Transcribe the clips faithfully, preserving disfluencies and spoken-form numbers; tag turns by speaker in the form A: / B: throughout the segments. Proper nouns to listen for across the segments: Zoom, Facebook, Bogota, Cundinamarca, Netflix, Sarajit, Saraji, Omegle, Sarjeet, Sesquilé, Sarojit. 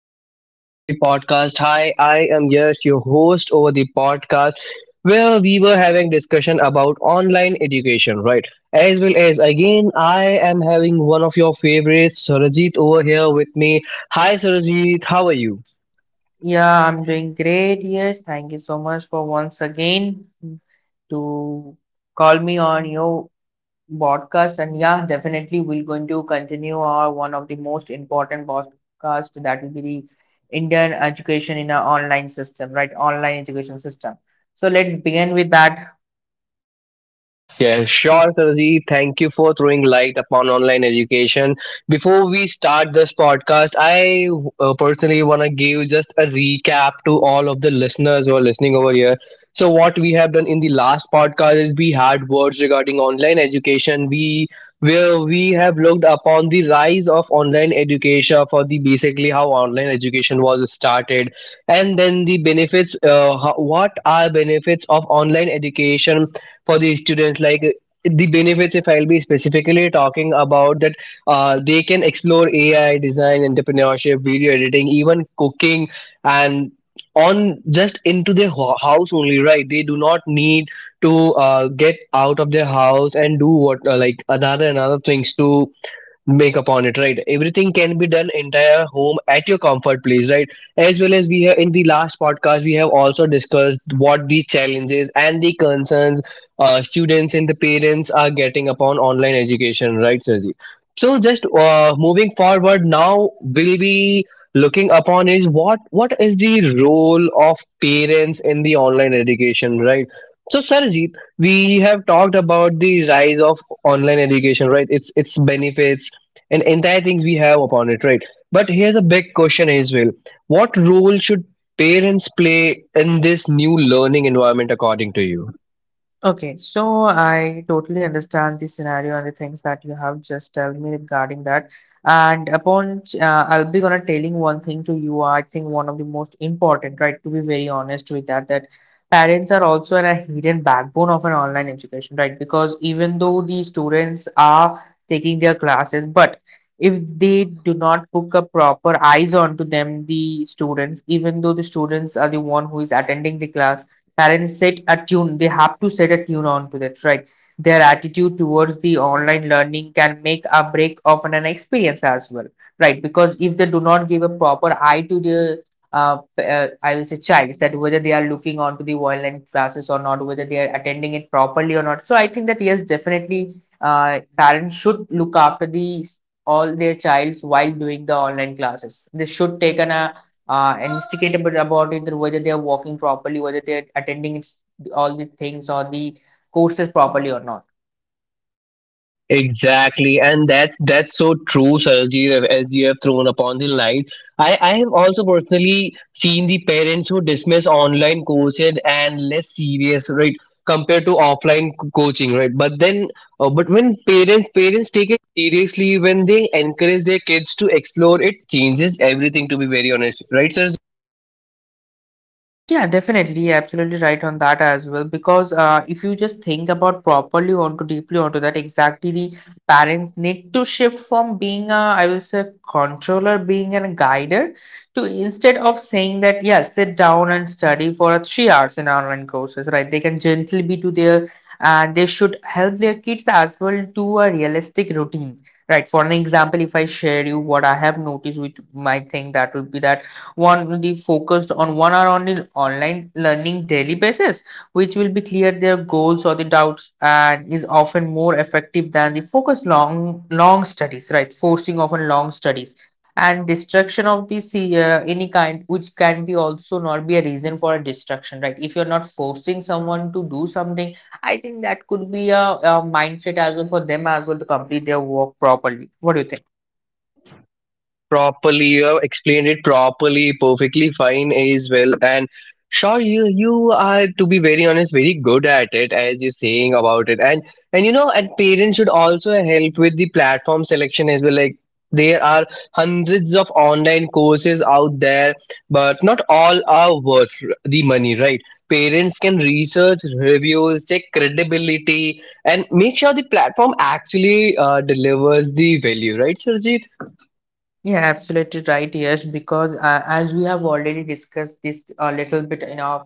A: Welcome back to the podcast. Hi, I am Yash, your host over the podcast, where we were having discussion about online education, right? As well as again, I am having one of your favorites, Sarajit, over here with me. Hi, Sarajit. How are you?
B: Yeah, I'm doing great. Yes, thank you so much for once again to call me on your podcast. And yeah, definitely we're going to continue our one of the most important podcast that will be the Indian education in our online system, right? Online education system. So let's begin with that.
A: Yeah, sure, Sarojit. Thank you for throwing light upon online education. Before we start this podcast, I uh, personally want to give just a recap to all of the listeners who are listening over here. So, what we have done in the last podcast is we had words regarding online education. We Where we have looked upon the rise of online education for the basically how online education was started, and then the benefits, uh, ho- what are benefits of online education for the students, like uh, the benefits, if I'll be specifically talking about that, uh, they can explore AI, design, entrepreneurship, video editing, even cooking, and on just into their ho- house only, right? They do not need to uh, get out of their house and do what, uh, like another another things to make upon it, right? Everything can be done entire home at your comfort place, right? As well as we have in the last podcast we have also discussed what the challenges and the concerns uh, students and the parents are getting upon online education, right, Sajid? So just uh, moving forward, now will be looking upon is what what is the role of parents in the online education, right? So Sarjeet, we have talked about the rise of online education, right? Its its benefits and entire things we have upon it, right? But here's a big question as well. What role should parents play in this new learning environment according to you?
B: Okay, so I totally understand the scenario and the things that you have just told me regarding that. And upon, uh, I'll be gonna telling one thing to you. I think one of the most important, right? To be very honest with that, that parents are also a hidden backbone of an online education, right? Because even though the students are taking their classes, but if they do not put a proper eyes onto them, the students, even though the students are the one who is attending the class, parents set a tune, they have to set a tune on to that, right? Their attitude towards the online learning can make a break of an experience as well, right? Because if they do not give a proper eye to the uh, uh, I will say child, that whether they are looking onto the online classes or not, whether they are attending it properly or not. So I think that yes, definitely uh, parents should look after the all their childs while doing the online classes. They should take an a uh, investigate about, about it, whether they are working properly, whether they are attending it's, all the things or the courses properly or not.
A: Exactly, and that that's so true, Sarojit, as as you have thrown upon the light. I, I have also personally seen the parents who dismiss online coaching and less serious, right, compared to offline co- coaching, right. But then, uh, but when parents parents take it seriously, when they encourage their kids to explore, it changes everything. To be very honest, right,
B: Yeah, definitely. You're absolutely right on that as well. Because uh, if you just think about properly onto deeply onto that, exactly the parents need to shift from being a, I will say, controller, being a guider, to instead of saying that, yeah, sit down and study for three hours in online courses, right? They can gently be to their, and they should help their kids as well to a realistic routine, right? For an example, if I share you what I have noticed with my thing, that would be that want the focused on one hour on the online learning daily basis, which will be clear their goals or the doubts and is often more effective than the focused long long studies, right? Forcing often long studies and destruction of this uh, any kind, which can be also not be a reason for a destruction, right? If you're not forcing someone to do something, I think that could be a, a mindset as well for them as well to complete their work properly. What do you think?
A: properly. You have explained it properly, perfectly fine as well. And sure, you you are to be very honest, very good at it as you're saying about it. And and you know, and parents should also help with the platform selection as well. Like there are hundreds of online courses out there, but not all are worth the money, right? Parents can research reviews, check credibility, and make sure the platform actually uh, delivers the value, right, Sarjeet?
B: Yeah, absolutely right. Yes, because uh, as we have already discussed this a little bit in our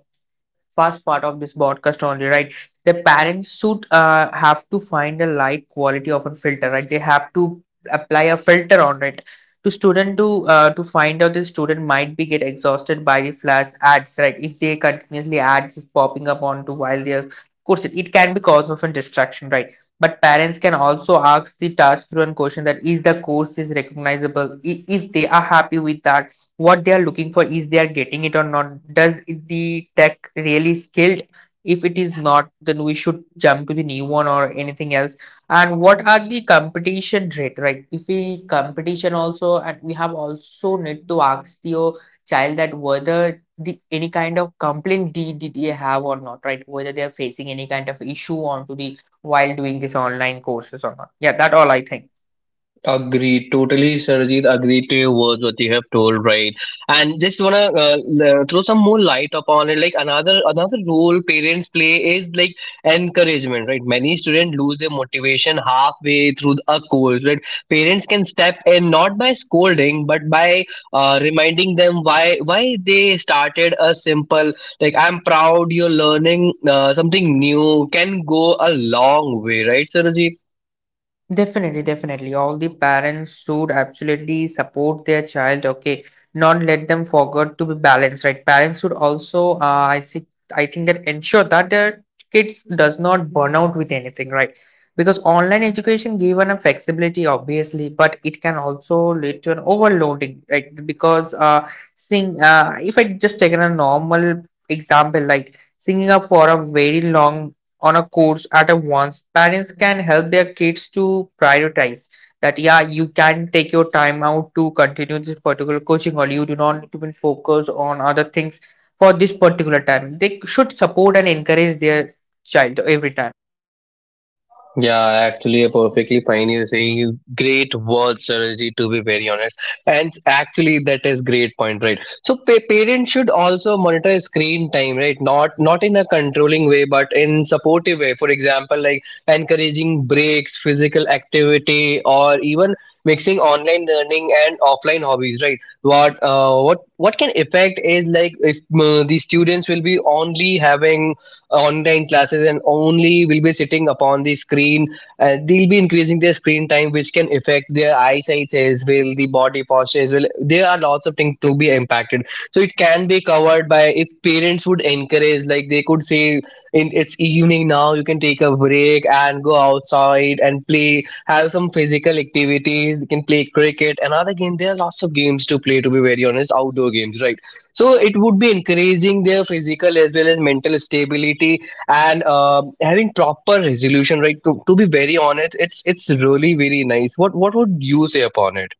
B: first part of this broadcast only, right? The parents should uh, have to find a light quality of a filter, right? They have to apply a filter on it to student to uh, to find out the student might be get exhausted by the flash ads, right? If they continuously ads is popping up onto while they are course, it can be cause of a distraction, right? But parents can also ask the touch through a question that is the course is recognizable. I- if they are happy with that, what they are looking for, is they are getting it or not? Does the tech really skilled? If it is not, then we should jump to the new one or anything else. And what are the competition rate, right? If we competition also, and we have also need to ask the uh, child that whether the any kind of complaint did, did they have or not, right? Whether they are facing any kind of issue onto the while doing this online courses or not. Yeah, that all I think.
A: Agreed, totally, Sarajit. Agreed to your words, what you have told, right? And just wanna uh, l- throw some more light upon it. Like another another role parents play is like encouragement, right? Many students lose their motivation halfway through a course, right? Parents can step in not by scolding but by uh, reminding them why why they started, a simple like I'm proud you're learning uh, something new can go a long way, right, Sarajit?
B: Definitely, definitely. All the parents should absolutely support their child, okay? Not let them forget to be balanced, right? Parents should also, uh, I see, I think that ensure that their kids does not burn out with anything, right? Because online education given a flexibility, obviously, but it can also lead to an overloading, right? Because uh, sing, uh, if I just take a normal example, like singing up for a very long on a course at a once, parents can help their kids to prioritize that, yeah, you can take your time out to continue this particular coaching, or you do not need to be focused on other things for this particular time. They should support and encourage their child every time.
A: Yeah, actually, a perfectly fine. You're saying great words, Sarojji, to be very honest. And actually, that is great point, right? So pa- parents should also monitor screen time, right? Not not in a controlling way, but in supportive way. For example, like encouraging breaks, physical activity, or even mixing online learning and offline hobbies, right? What uh, what what can affect is like if uh, the students will be only having uh, online classes and only will be sitting upon the screen, uh, they'll be increasing their screen time, which can affect their eyesight as well, the body posture as well. There are lots of things to be impacted. So it can be covered by if parents would encourage, like they could say, in it's evening now, you can take a break and go outside and play, have some physical activities. You can play cricket, another game. There are lots of games to play, to be very honest, outdoor games, right? So it would be encouraging their physical as well as mental stability, and uh, having proper resolution, right? To, to be very honest, it's it's really very nice. What what would you say upon it?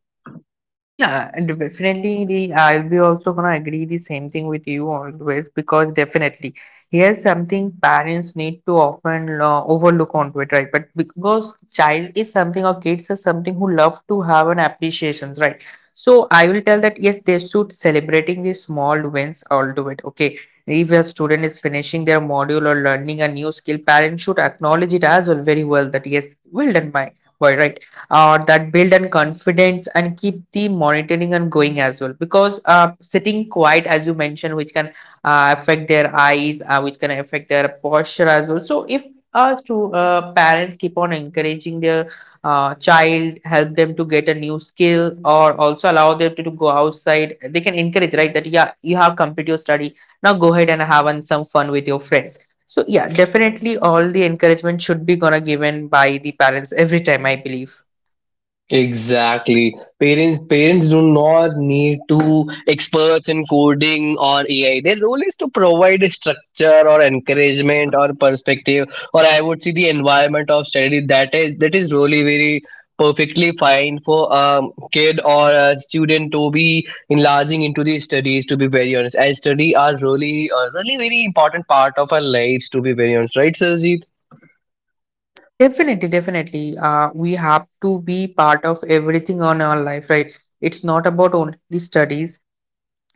B: Yeah, and definitely the I'll be also gonna agree the same thing with you always, because definitely here's something parents need to often uh, overlook onto it, right? But because child is something or kids is something who love to have an appreciations, right? So I will tell that yes, they should celebrating the small wins all to it. Okay, if a student is finishing their module or learning a new skill, parents should acknowledge it as well very well that yes, well done, my boy, right? Uh, that build and confidence and keep the monitoring and going as well, because uh, sitting quiet, as you mentioned, which can uh, affect their eyes, uh, which can affect their posture as well. So if us to uh, parents keep on encouraging their uh, child, help them to get a new skill or also allow them to, to go outside, they can encourage, right, that yeah, you have completed your study, now go ahead and have an- some fun with your friends. So yeah, definitely all the encouragement should be gonna given by the parents every time, I believe.
A: Exactly. Parents parents do not need to experts in coding or A I. Their role is to provide a structure or encouragement or perspective, or I would say the environment of study. That is that is really very perfectly fine for a kid or a student to be enlarging into the studies, to be very honest. As study are really are really very important part of our lives, to be very honest, right, Sir?
B: Definitely, definitely. Uh, we have to be part of everything on our life, right? It's not about only studies.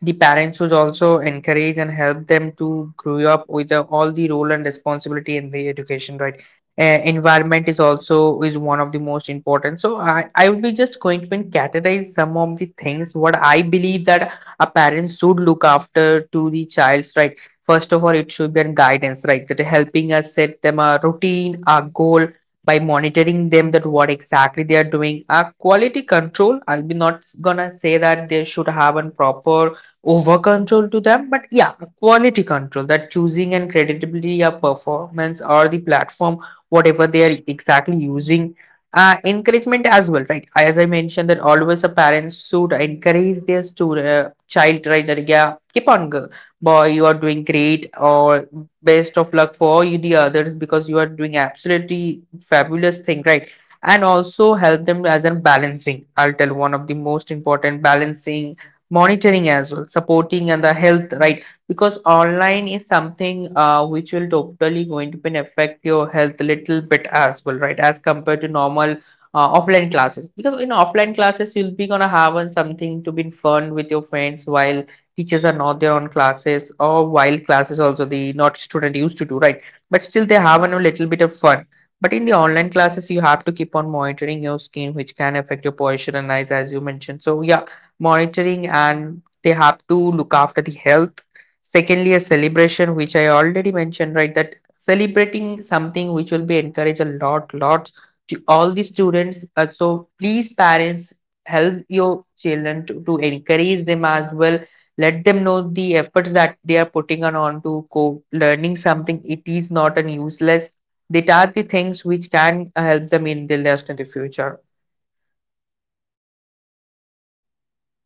B: The parents should also encourage and help them to grow up with the, all the role and responsibility in the education, right? Uh, environment is also is one of the most important. So I, I would be just going to categorize some of the things what I believe that a parent should look after to the child's right. First of all, it should be a guidance, right? That helping us set them a routine, a goal by monitoring them that what exactly they are doing. A quality control. I'll be not gonna say that they should have a proper over control to them, but yeah, quality control, that choosing and credibility of performance or the platform, whatever they are exactly using. Uh, encouragement as well, right? As I mentioned, that always a parents should encourage their student, uh, child, right? That yeah, keep on, girl, boy, you are doing great, or best of luck for you the others, because you are doing absolutely fabulous thing, right? And also help them as a balancing. I'll tell one of the most important balancing, monitoring as well, supporting and the health, right? Because online is something uh, which will totally going to be affect your health a little bit as well, right? As compared to normal uh, offline classes, because in offline classes you'll be gonna have on something to be fun with your friends while teachers are not there on classes, or while classes also the not student used to do, right? But still they have on a little bit of fun. But in the online classes you have to keep on monitoring your skin, which can affect your posture and eyes, as you mentioned. So yeah, monitoring, and they have to look after the health. Secondly, a celebration, which I already mentioned, right? That celebrating something, which will be encouraged a lot lot to all the students. Uh, so please parents, help your children to, to encourage them as well, let them know the efforts that they are putting on on to co learning something, it is not an useless, they are the things which can uh, help them in the last in the future.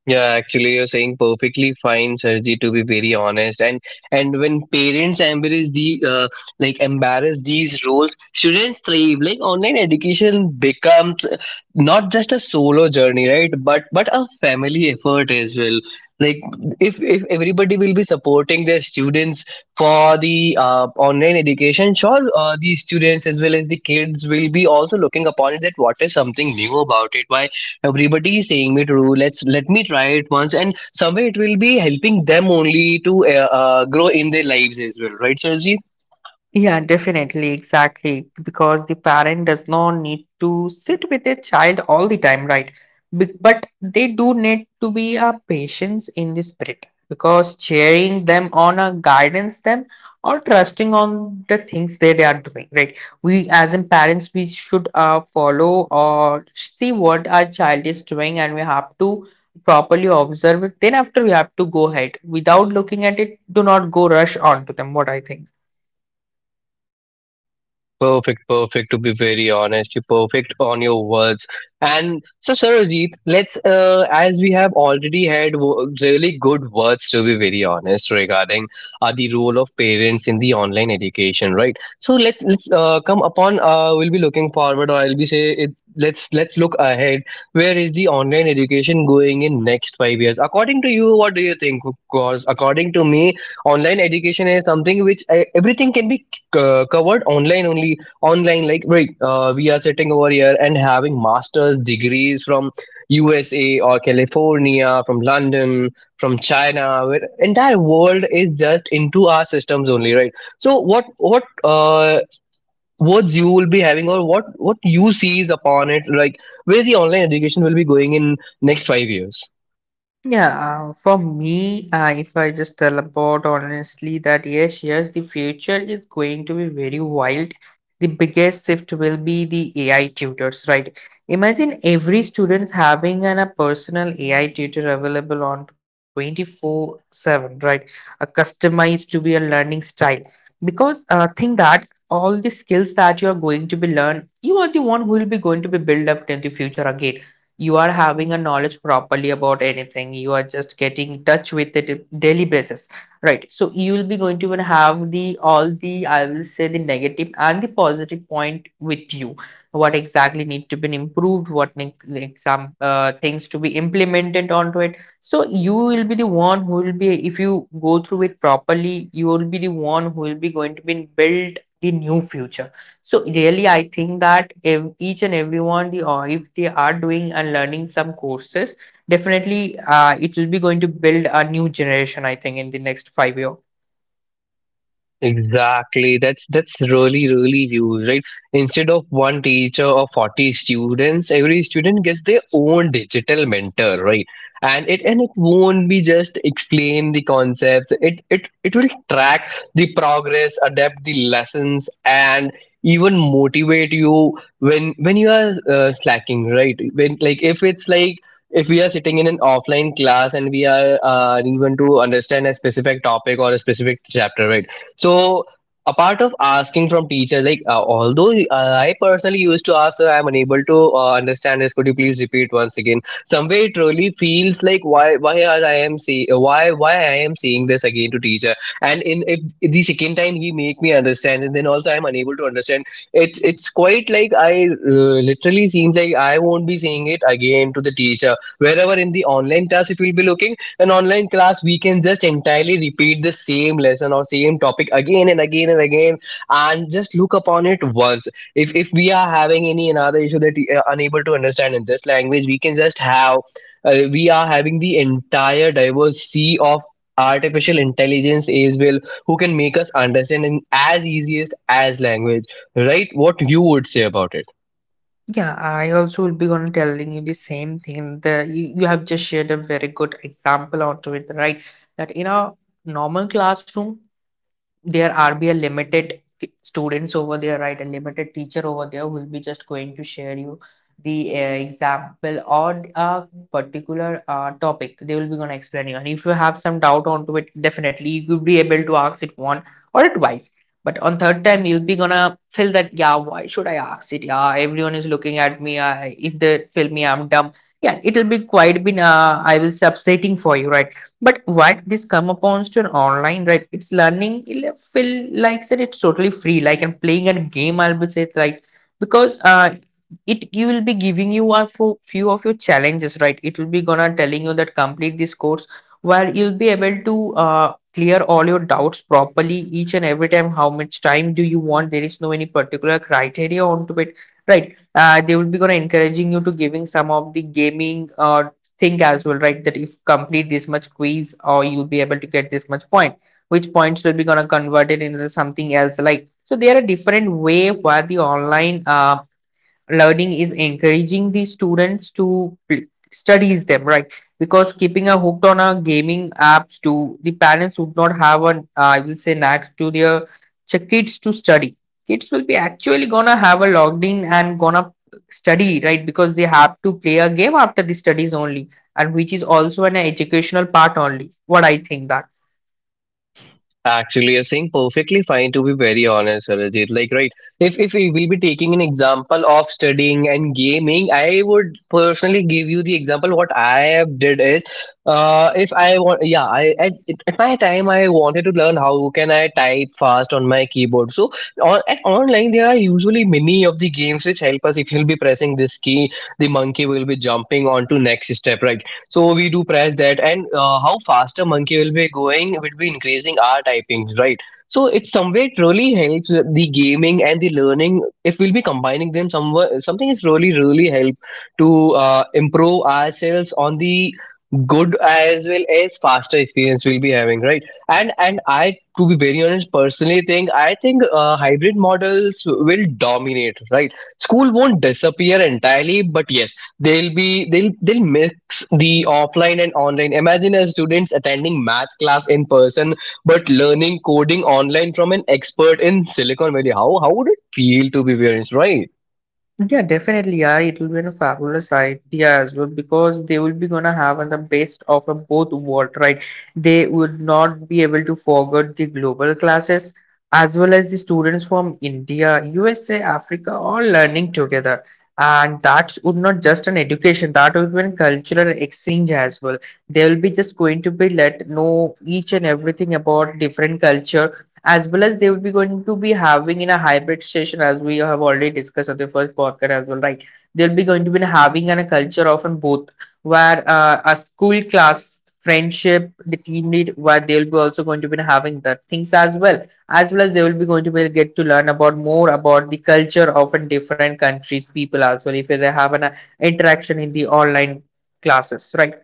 A: Yeah, actually, you're saying perfectly fine, Sarji, to be very honest. And and when parents embrace the uh, like embarrass these roles, students thrive. Like online education becomes not just a solo journey, right? But but a family effort as well. Like if if everybody will be supporting their students for the uh, online education, sure, uh, the students as well as the kids will be also looking upon it that what is something new about it. Why everybody is saying me to do, let's let me try it once, and somewhere it will be helping them only to uh, uh, grow in their lives as well, right, sir?
B: Yeah, definitely, exactly. Because the parent does not need to sit with their child all the time, right? Be- But they do need to be a patience in the spirit, because cheering them on or guidance them, or trusting on the things that they are doing, right? We as in parents, we should uh, follow or see what our child is doing, and we have to properly observe it. Then after we have to go ahead. Without looking at it, do not go rush on to them, what I think.
A: Perfect, perfect. To be very honest, you're perfect on your words. And so, Sarojit, let's uh, as we have already had w- really good words, to be very honest, regarding uh, the role of parents in the online education, right? So let's let's uh, come upon. Uh, we'll be looking forward, or I'll be say it. Let's let's look ahead. Where is the online education going in next five years? According to you, what do you think? Because according to me, online education is something which uh, everything can be c- covered online only, online, like wait, uh, we are sitting over here and having masters degrees from USA or California, from London, from China, where entire world is just into our systems only, right? So what what uh, words you will be having, or what what you sees upon it, like where the online education will be going in next five years?
B: Yeah, uh, for me, uh, if I just tell about honestly that yes, yes, the future is going to be very wild. The biggest shift will be the A I tutors, right? Imagine every student having an, a personal A I tutor available on twenty-four seven, right? A customized to be a learning style. Because uh, think that all the skills that you are going to be learned, you are the one who will be going to be built up in the future again, you are having a knowledge properly about anything you are just getting in touch with it daily basis, right? So you will be going to even have the all the, I will say, the negative and the positive point with you, what exactly need to be improved, what ne- exam uh, things to be implemented onto it. So you will be the one who will be, if you go through it properly, you will be the one who will be going to be build the new future. So really, I think that if each and everyone, the or if they are doing and learning some courses, definitely uh, it will be going to build a new generation. I think in the next five year.
A: Exactly. That's that's really really huge, right? Instead of one teacher or forty students, every student gets their own digital mentor, right? And it and it won't be just explain the concepts. It it it will track the progress, adapt the lessons, and even motivate you when when you are uh, slacking, right? When, like, if it's like, if we are sitting in an offline class and we are uh, even to understand a specific topic or a specific chapter, right? So apart of asking from teacher, like uh, although uh, I personally used to ask, sir, I'm unable to uh, understand this. Could you please repeat once again? Somewhere it really feels like why why are I am see why why I am saying this again to teacher. And in if the second time he make me understand, and then also I'm unable to understand. It's it's quite like I uh, literally seems like I won't be saying it again to the teacher. Wherever in the online class, if you'll be looking an online class, we can just entirely repeat the same lesson or same topic again and again and again, and just look upon it once. if if we are having any another issue that we are unable to understand in this language, we can just have, uh, we are having the entire diverse sea of artificial intelligence as well, who can make us understand in as easiest as language, right? What you would say about it?
B: Yeah, I also will be going to telling you the same thing. The you, you have just shared a very good example onto it, right? That in a normal classroom, there are be a limited t- students over there, right? A limited teacher over there who will be just going to share you the uh, example or a particular uh, topic, they will be going to explain you. And if you have some doubt onto it, definitely you will be able to ask it one or twice, but on third time you'll be gonna feel that, yeah, why should I ask it? Yeah, everyone is looking at me. I, if they feel me I'm dumb, yeah, it'll be quite been uh, I will subsiding for you, right? But what this come upon to an online, right? It's learning. It'll feel like said it's totally free. Like I'm playing a game, I'll be said, right? Because uh, it, you will be giving you a fo- few of your challenges, right? It will be gonna telling you that complete this course, while you'll be able to uh, clear all your doubts properly each and every time. How much time do you want? There is no any particular criteria onto it, right? Uh, they will be gonna encouraging you to giving some of the gaming or thing as well, right? That if complete this much quiz or you'll be able to get this much point, which points will be gonna converted into something else like. So there are different way where the online uh, learning is encouraging the students to pl- studies them, right? Because keeping a hooked on a gaming apps to the parents would not have an, uh, I will say, knack to their ch- kids to study. Kids will be actually gonna have a logged in and gonna study, right? Because they have to play a game after the studies only, and which is also an educational part only, what I think that.
A: Actually, you're saying perfectly fine, to be very honest, Arajit. Like, right, if if we will be taking an example of studying and gaming, I would personally give you the example. What I have did is, uh, if I want, yeah, I at, at my time I wanted to learn how can I type fast on my keyboard. So on at online there are usually many of the games which help us. If you'll be pressing this key, the monkey will be jumping onto next step, right? So we do press that, and uh, how faster monkey will be going will be increasing our typing, right? So it's somewhere it really helps the gaming and the learning. If we'll be combining them, somewhere something is really really help to uh, improve ourselves on the good as well as faster experience we'll be having, right? And and I, to be very honest, personally think, i think uh, hybrid models will dominate, right? School won't disappear entirely, but yes, they'll be they'll they'll mix the offline and online. Imagine as students attending math class in person, but learning coding online from an expert in Silicon Valley. How how would it feel to be parents, right?
B: Yeah, definitely, yeah. It will be a fabulous idea as well because they will be gonna have on the best of a both world, right? They would not be able to forget the global classes as well as the students from India, U S A, Africa, all learning together. And that would not just an education, that would be a cultural exchange as well. They will be just going to be let know each and everything about different culture, as well as they will be going to be having in a hybrid session as we have already discussed on the first podcast as well, right? They'll be going to be having a culture of in both, where uh, a school class friendship, the team lead, where they'll be also going to be having that things as well, as well as they will be going to be get to learn about more about the culture of in different countries people as well if they have an uh, interaction in the online classes, right?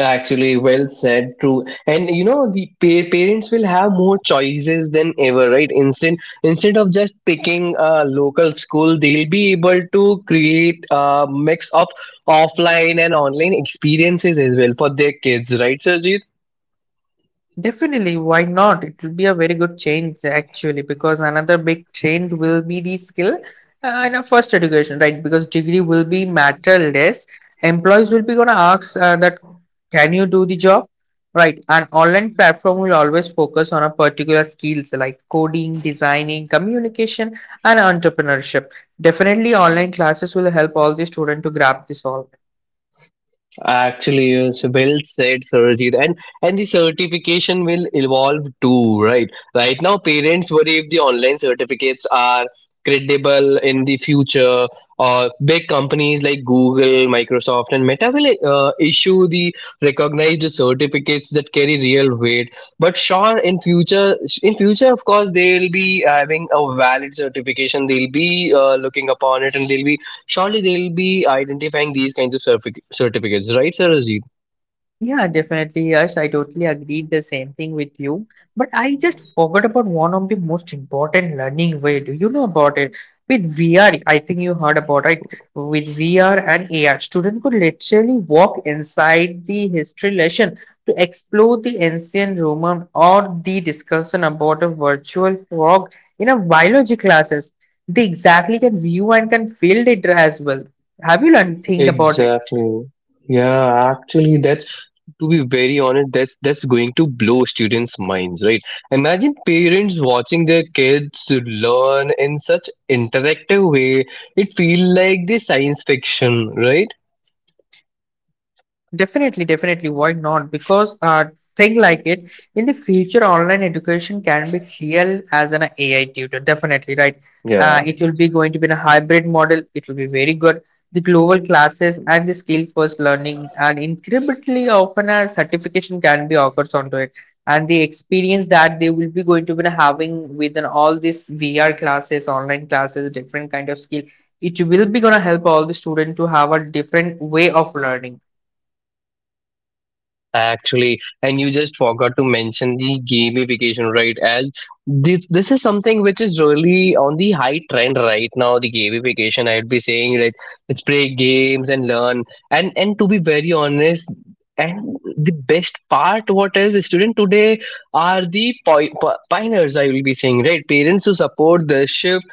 A: Actually, well said, true. And you know the pa- parents will have more choices than ever, right? Instead instead of just picking a local school, they'll be able to create a mix of offline and online experiences as well for their kids, right, sir?
B: Definitely, why not? It will be a very good change actually, because another big change will be the skill uh, and a first education, right? Because degree will be matter less. Employees will be gonna ask uh, that, can you do the job, right? An online platform will always focus on a particular skills like coding, designing, communication, and entrepreneurship. Definitely, online classes will help all the student to grab this all.
A: Actually, yes, well said, Sarojit. And and the certification will evolve too, right? Right now, parents worry if the online certificates are credible in the future, or big companies like Google, Microsoft, and Meta will uh, issue the recognized certificates that carry real weight. But sure, in future, in future, of course, they'll be having a valid certification. They'll be uh, looking upon it, and they'll be. Surely they'll be identifying these kinds of certific- certificates, right, Sarajit?
B: Yeah, definitely. Yes, I totally agreed the same thing with you. But I just forgot about one of the most important learning way. Do you know about it? With V R, I think you heard about it. With V R and A R, student could literally walk inside the history lesson to explore the ancient Roman or the discussion about a virtual frog in a biology classes. They exactly can view and can feel it as well. Have you learned think about it?
A: Exactly. Yeah, actually, that's, to be very honest, that's that's going to blow students' minds, right? Imagine parents watching their kids learn in such interactive way. It feels like the science fiction, right?
B: Definitely, definitely. Why not? Because uh, thing like it in the future, online education can be clear as an A I tutor. Definitely, right? Uh,
A: Yeah.
B: it will be going to be in a hybrid model. It will be very good. The global classes and the skill-first learning and incrementally often a certification can be occurs onto it. And the experience that they will be going to be having within all these V R classes, online classes, different kind of skill, it will be gonna help all the student to have a different way of learning.
A: Actually, and you just forgot to mention the gamification, right? As this this is something which is really on the high trend right now, the gamification. I'd be saying like, let's play games and learn. And and to be very honest, and the best part, what is the student today are the poi- pi- pioneers, I will be saying, right? Parents who support this shift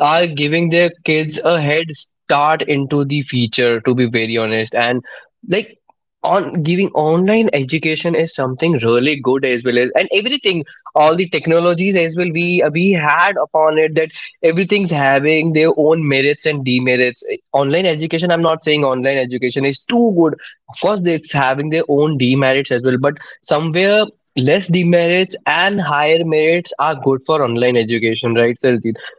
A: are giving their kids a head start into the future, to be very honest. And like, on giving online education is something really good, as well as, and everything, all the technologies as well we we had upon it, that everything's having their own merits and demerits. Online education, I'm not saying online education is too good, of course it's having their own demerits as well, but somewhere less demerits and higher merits are good for online education, right, sir?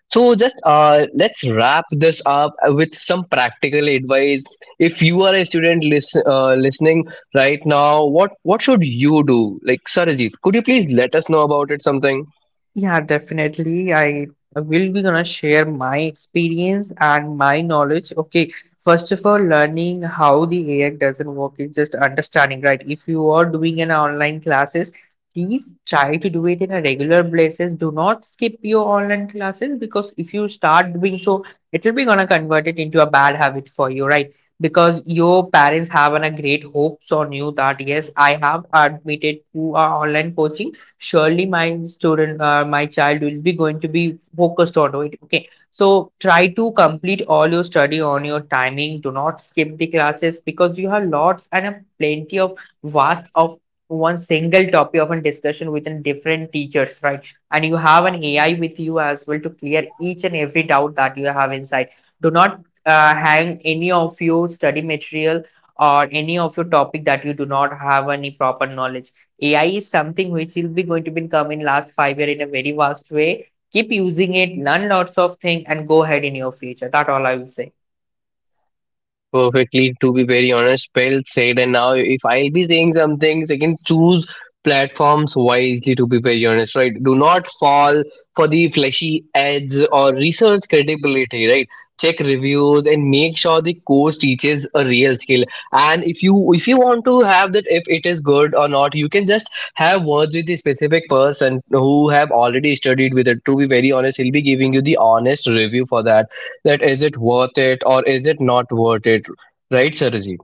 A: So just, uh, let's wrap this up with some practical advice. If you are a student listen, uh, listening right now, what what should you do? Like Sarajit, could you please let us know about it something?
B: Yeah, definitely. I will be gonna share my experience and my knowledge. Okay, first of all, learning how the A I doesn't work is just understanding, right? If you are doing an online classes, please try to do it in a regular basis. Do not skip your online classes because if you start doing so, it will be gonna convert it into a bad habit for you, right? Because your parents have an, a great hopes on you that, yes, I have admitted to a online coaching, surely my student, uh, my child will be going to be focused on it. Okay, so try to complete all your study on your timing. Do not skip the classes because you have lots and a plenty of vast of one single topic of a discussion with an different teachers, right? And you have an A I with you as well to clear each and every doubt that you have inside. Do not uh, hang any of your study material or any of your topic that you do not have any proper knowledge. A I is something which will be going to become in last five year in a very vast way. Keep using it, learn lots of things, and go ahead in your future. That all I will say.
A: Perfectly, to be very honest, well said. And now, if I'll be saying some things, I can choose platforms wisely, to be very honest, right? Do not fall for the flashy ads, or research credibility, right? Check reviews and make sure the course teaches a real skill. And if you if you want to have that, if it is good or not, you can just have words with the specific person who have already studied with it, to be very honest. He'll be giving you the honest review for that, that is it worth it or is it not worth it, right, Sarojit?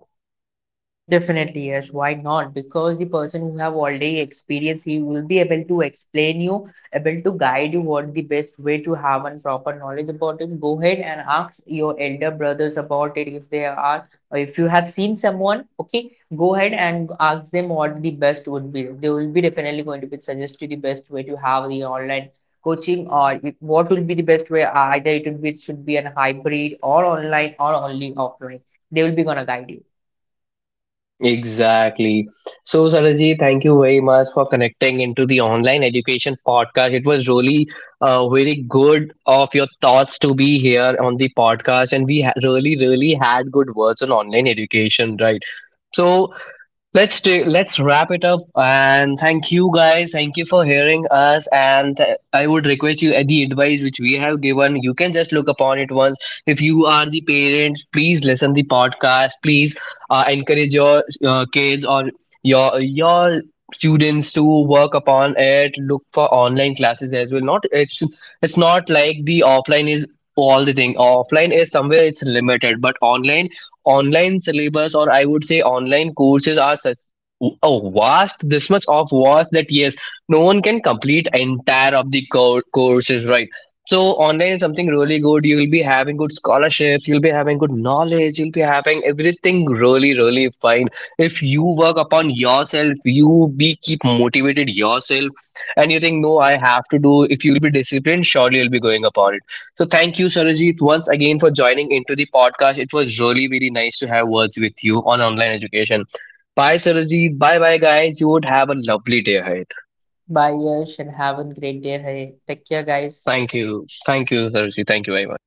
B: Definitely, yes. Why not? Because the person who have already experience, he will be able to explain you, able to guide you what the best way to have and proper knowledge about it. Go ahead and ask your elder brothers about it if they are, or if you have seen someone, okay, go ahead and ask them what the best would be. They will be definitely going to be suggest you the best way to have the online coaching or it- what will be the best way. Either it will be, it should be an hybrid or online or only offline. They will be gonna guide you.
A: Exactly. So, Saraji, thank you very much for connecting into the online education podcast. It was really uh, very good of your thoughts to be here on the podcast, and we ha- really, really had good words on online education, right? So, let's do let's wrap it up, and thank you, guys. Thank you for hearing us, and uh, I would request you, uh, the advice which we have given, you can just look upon it once. If you are the parents, please listen the podcast. Please uh, encourage your uh, kids or your your students to work upon it. Look for online classes as well. Not it's it's not like the offline is all the thing. Offline is somewhere it's limited, but online, online syllabus, or I would say online courses, are such a vast, this much of vast, that yes, no one can complete entire of the co- courses, right? So online is something really good. You will be having good scholarships, you'll be having good knowledge, you'll be having everything really really fine. If you work upon yourself, you be keep motivated yourself, and you think, no, I have to do. If you'll be disciplined, surely you'll be going upon it. So thank you, Sarojit, once again for joining into the podcast. It was really, really nice to have words with you on online education. Bye, Sarojit. Bye, bye, guys. You would have a lovely day ahead.
B: Bye, Yash, and have a great day ahead. Take care, guys.
A: Thank you. Thank you, Sarojit. Thank you very much.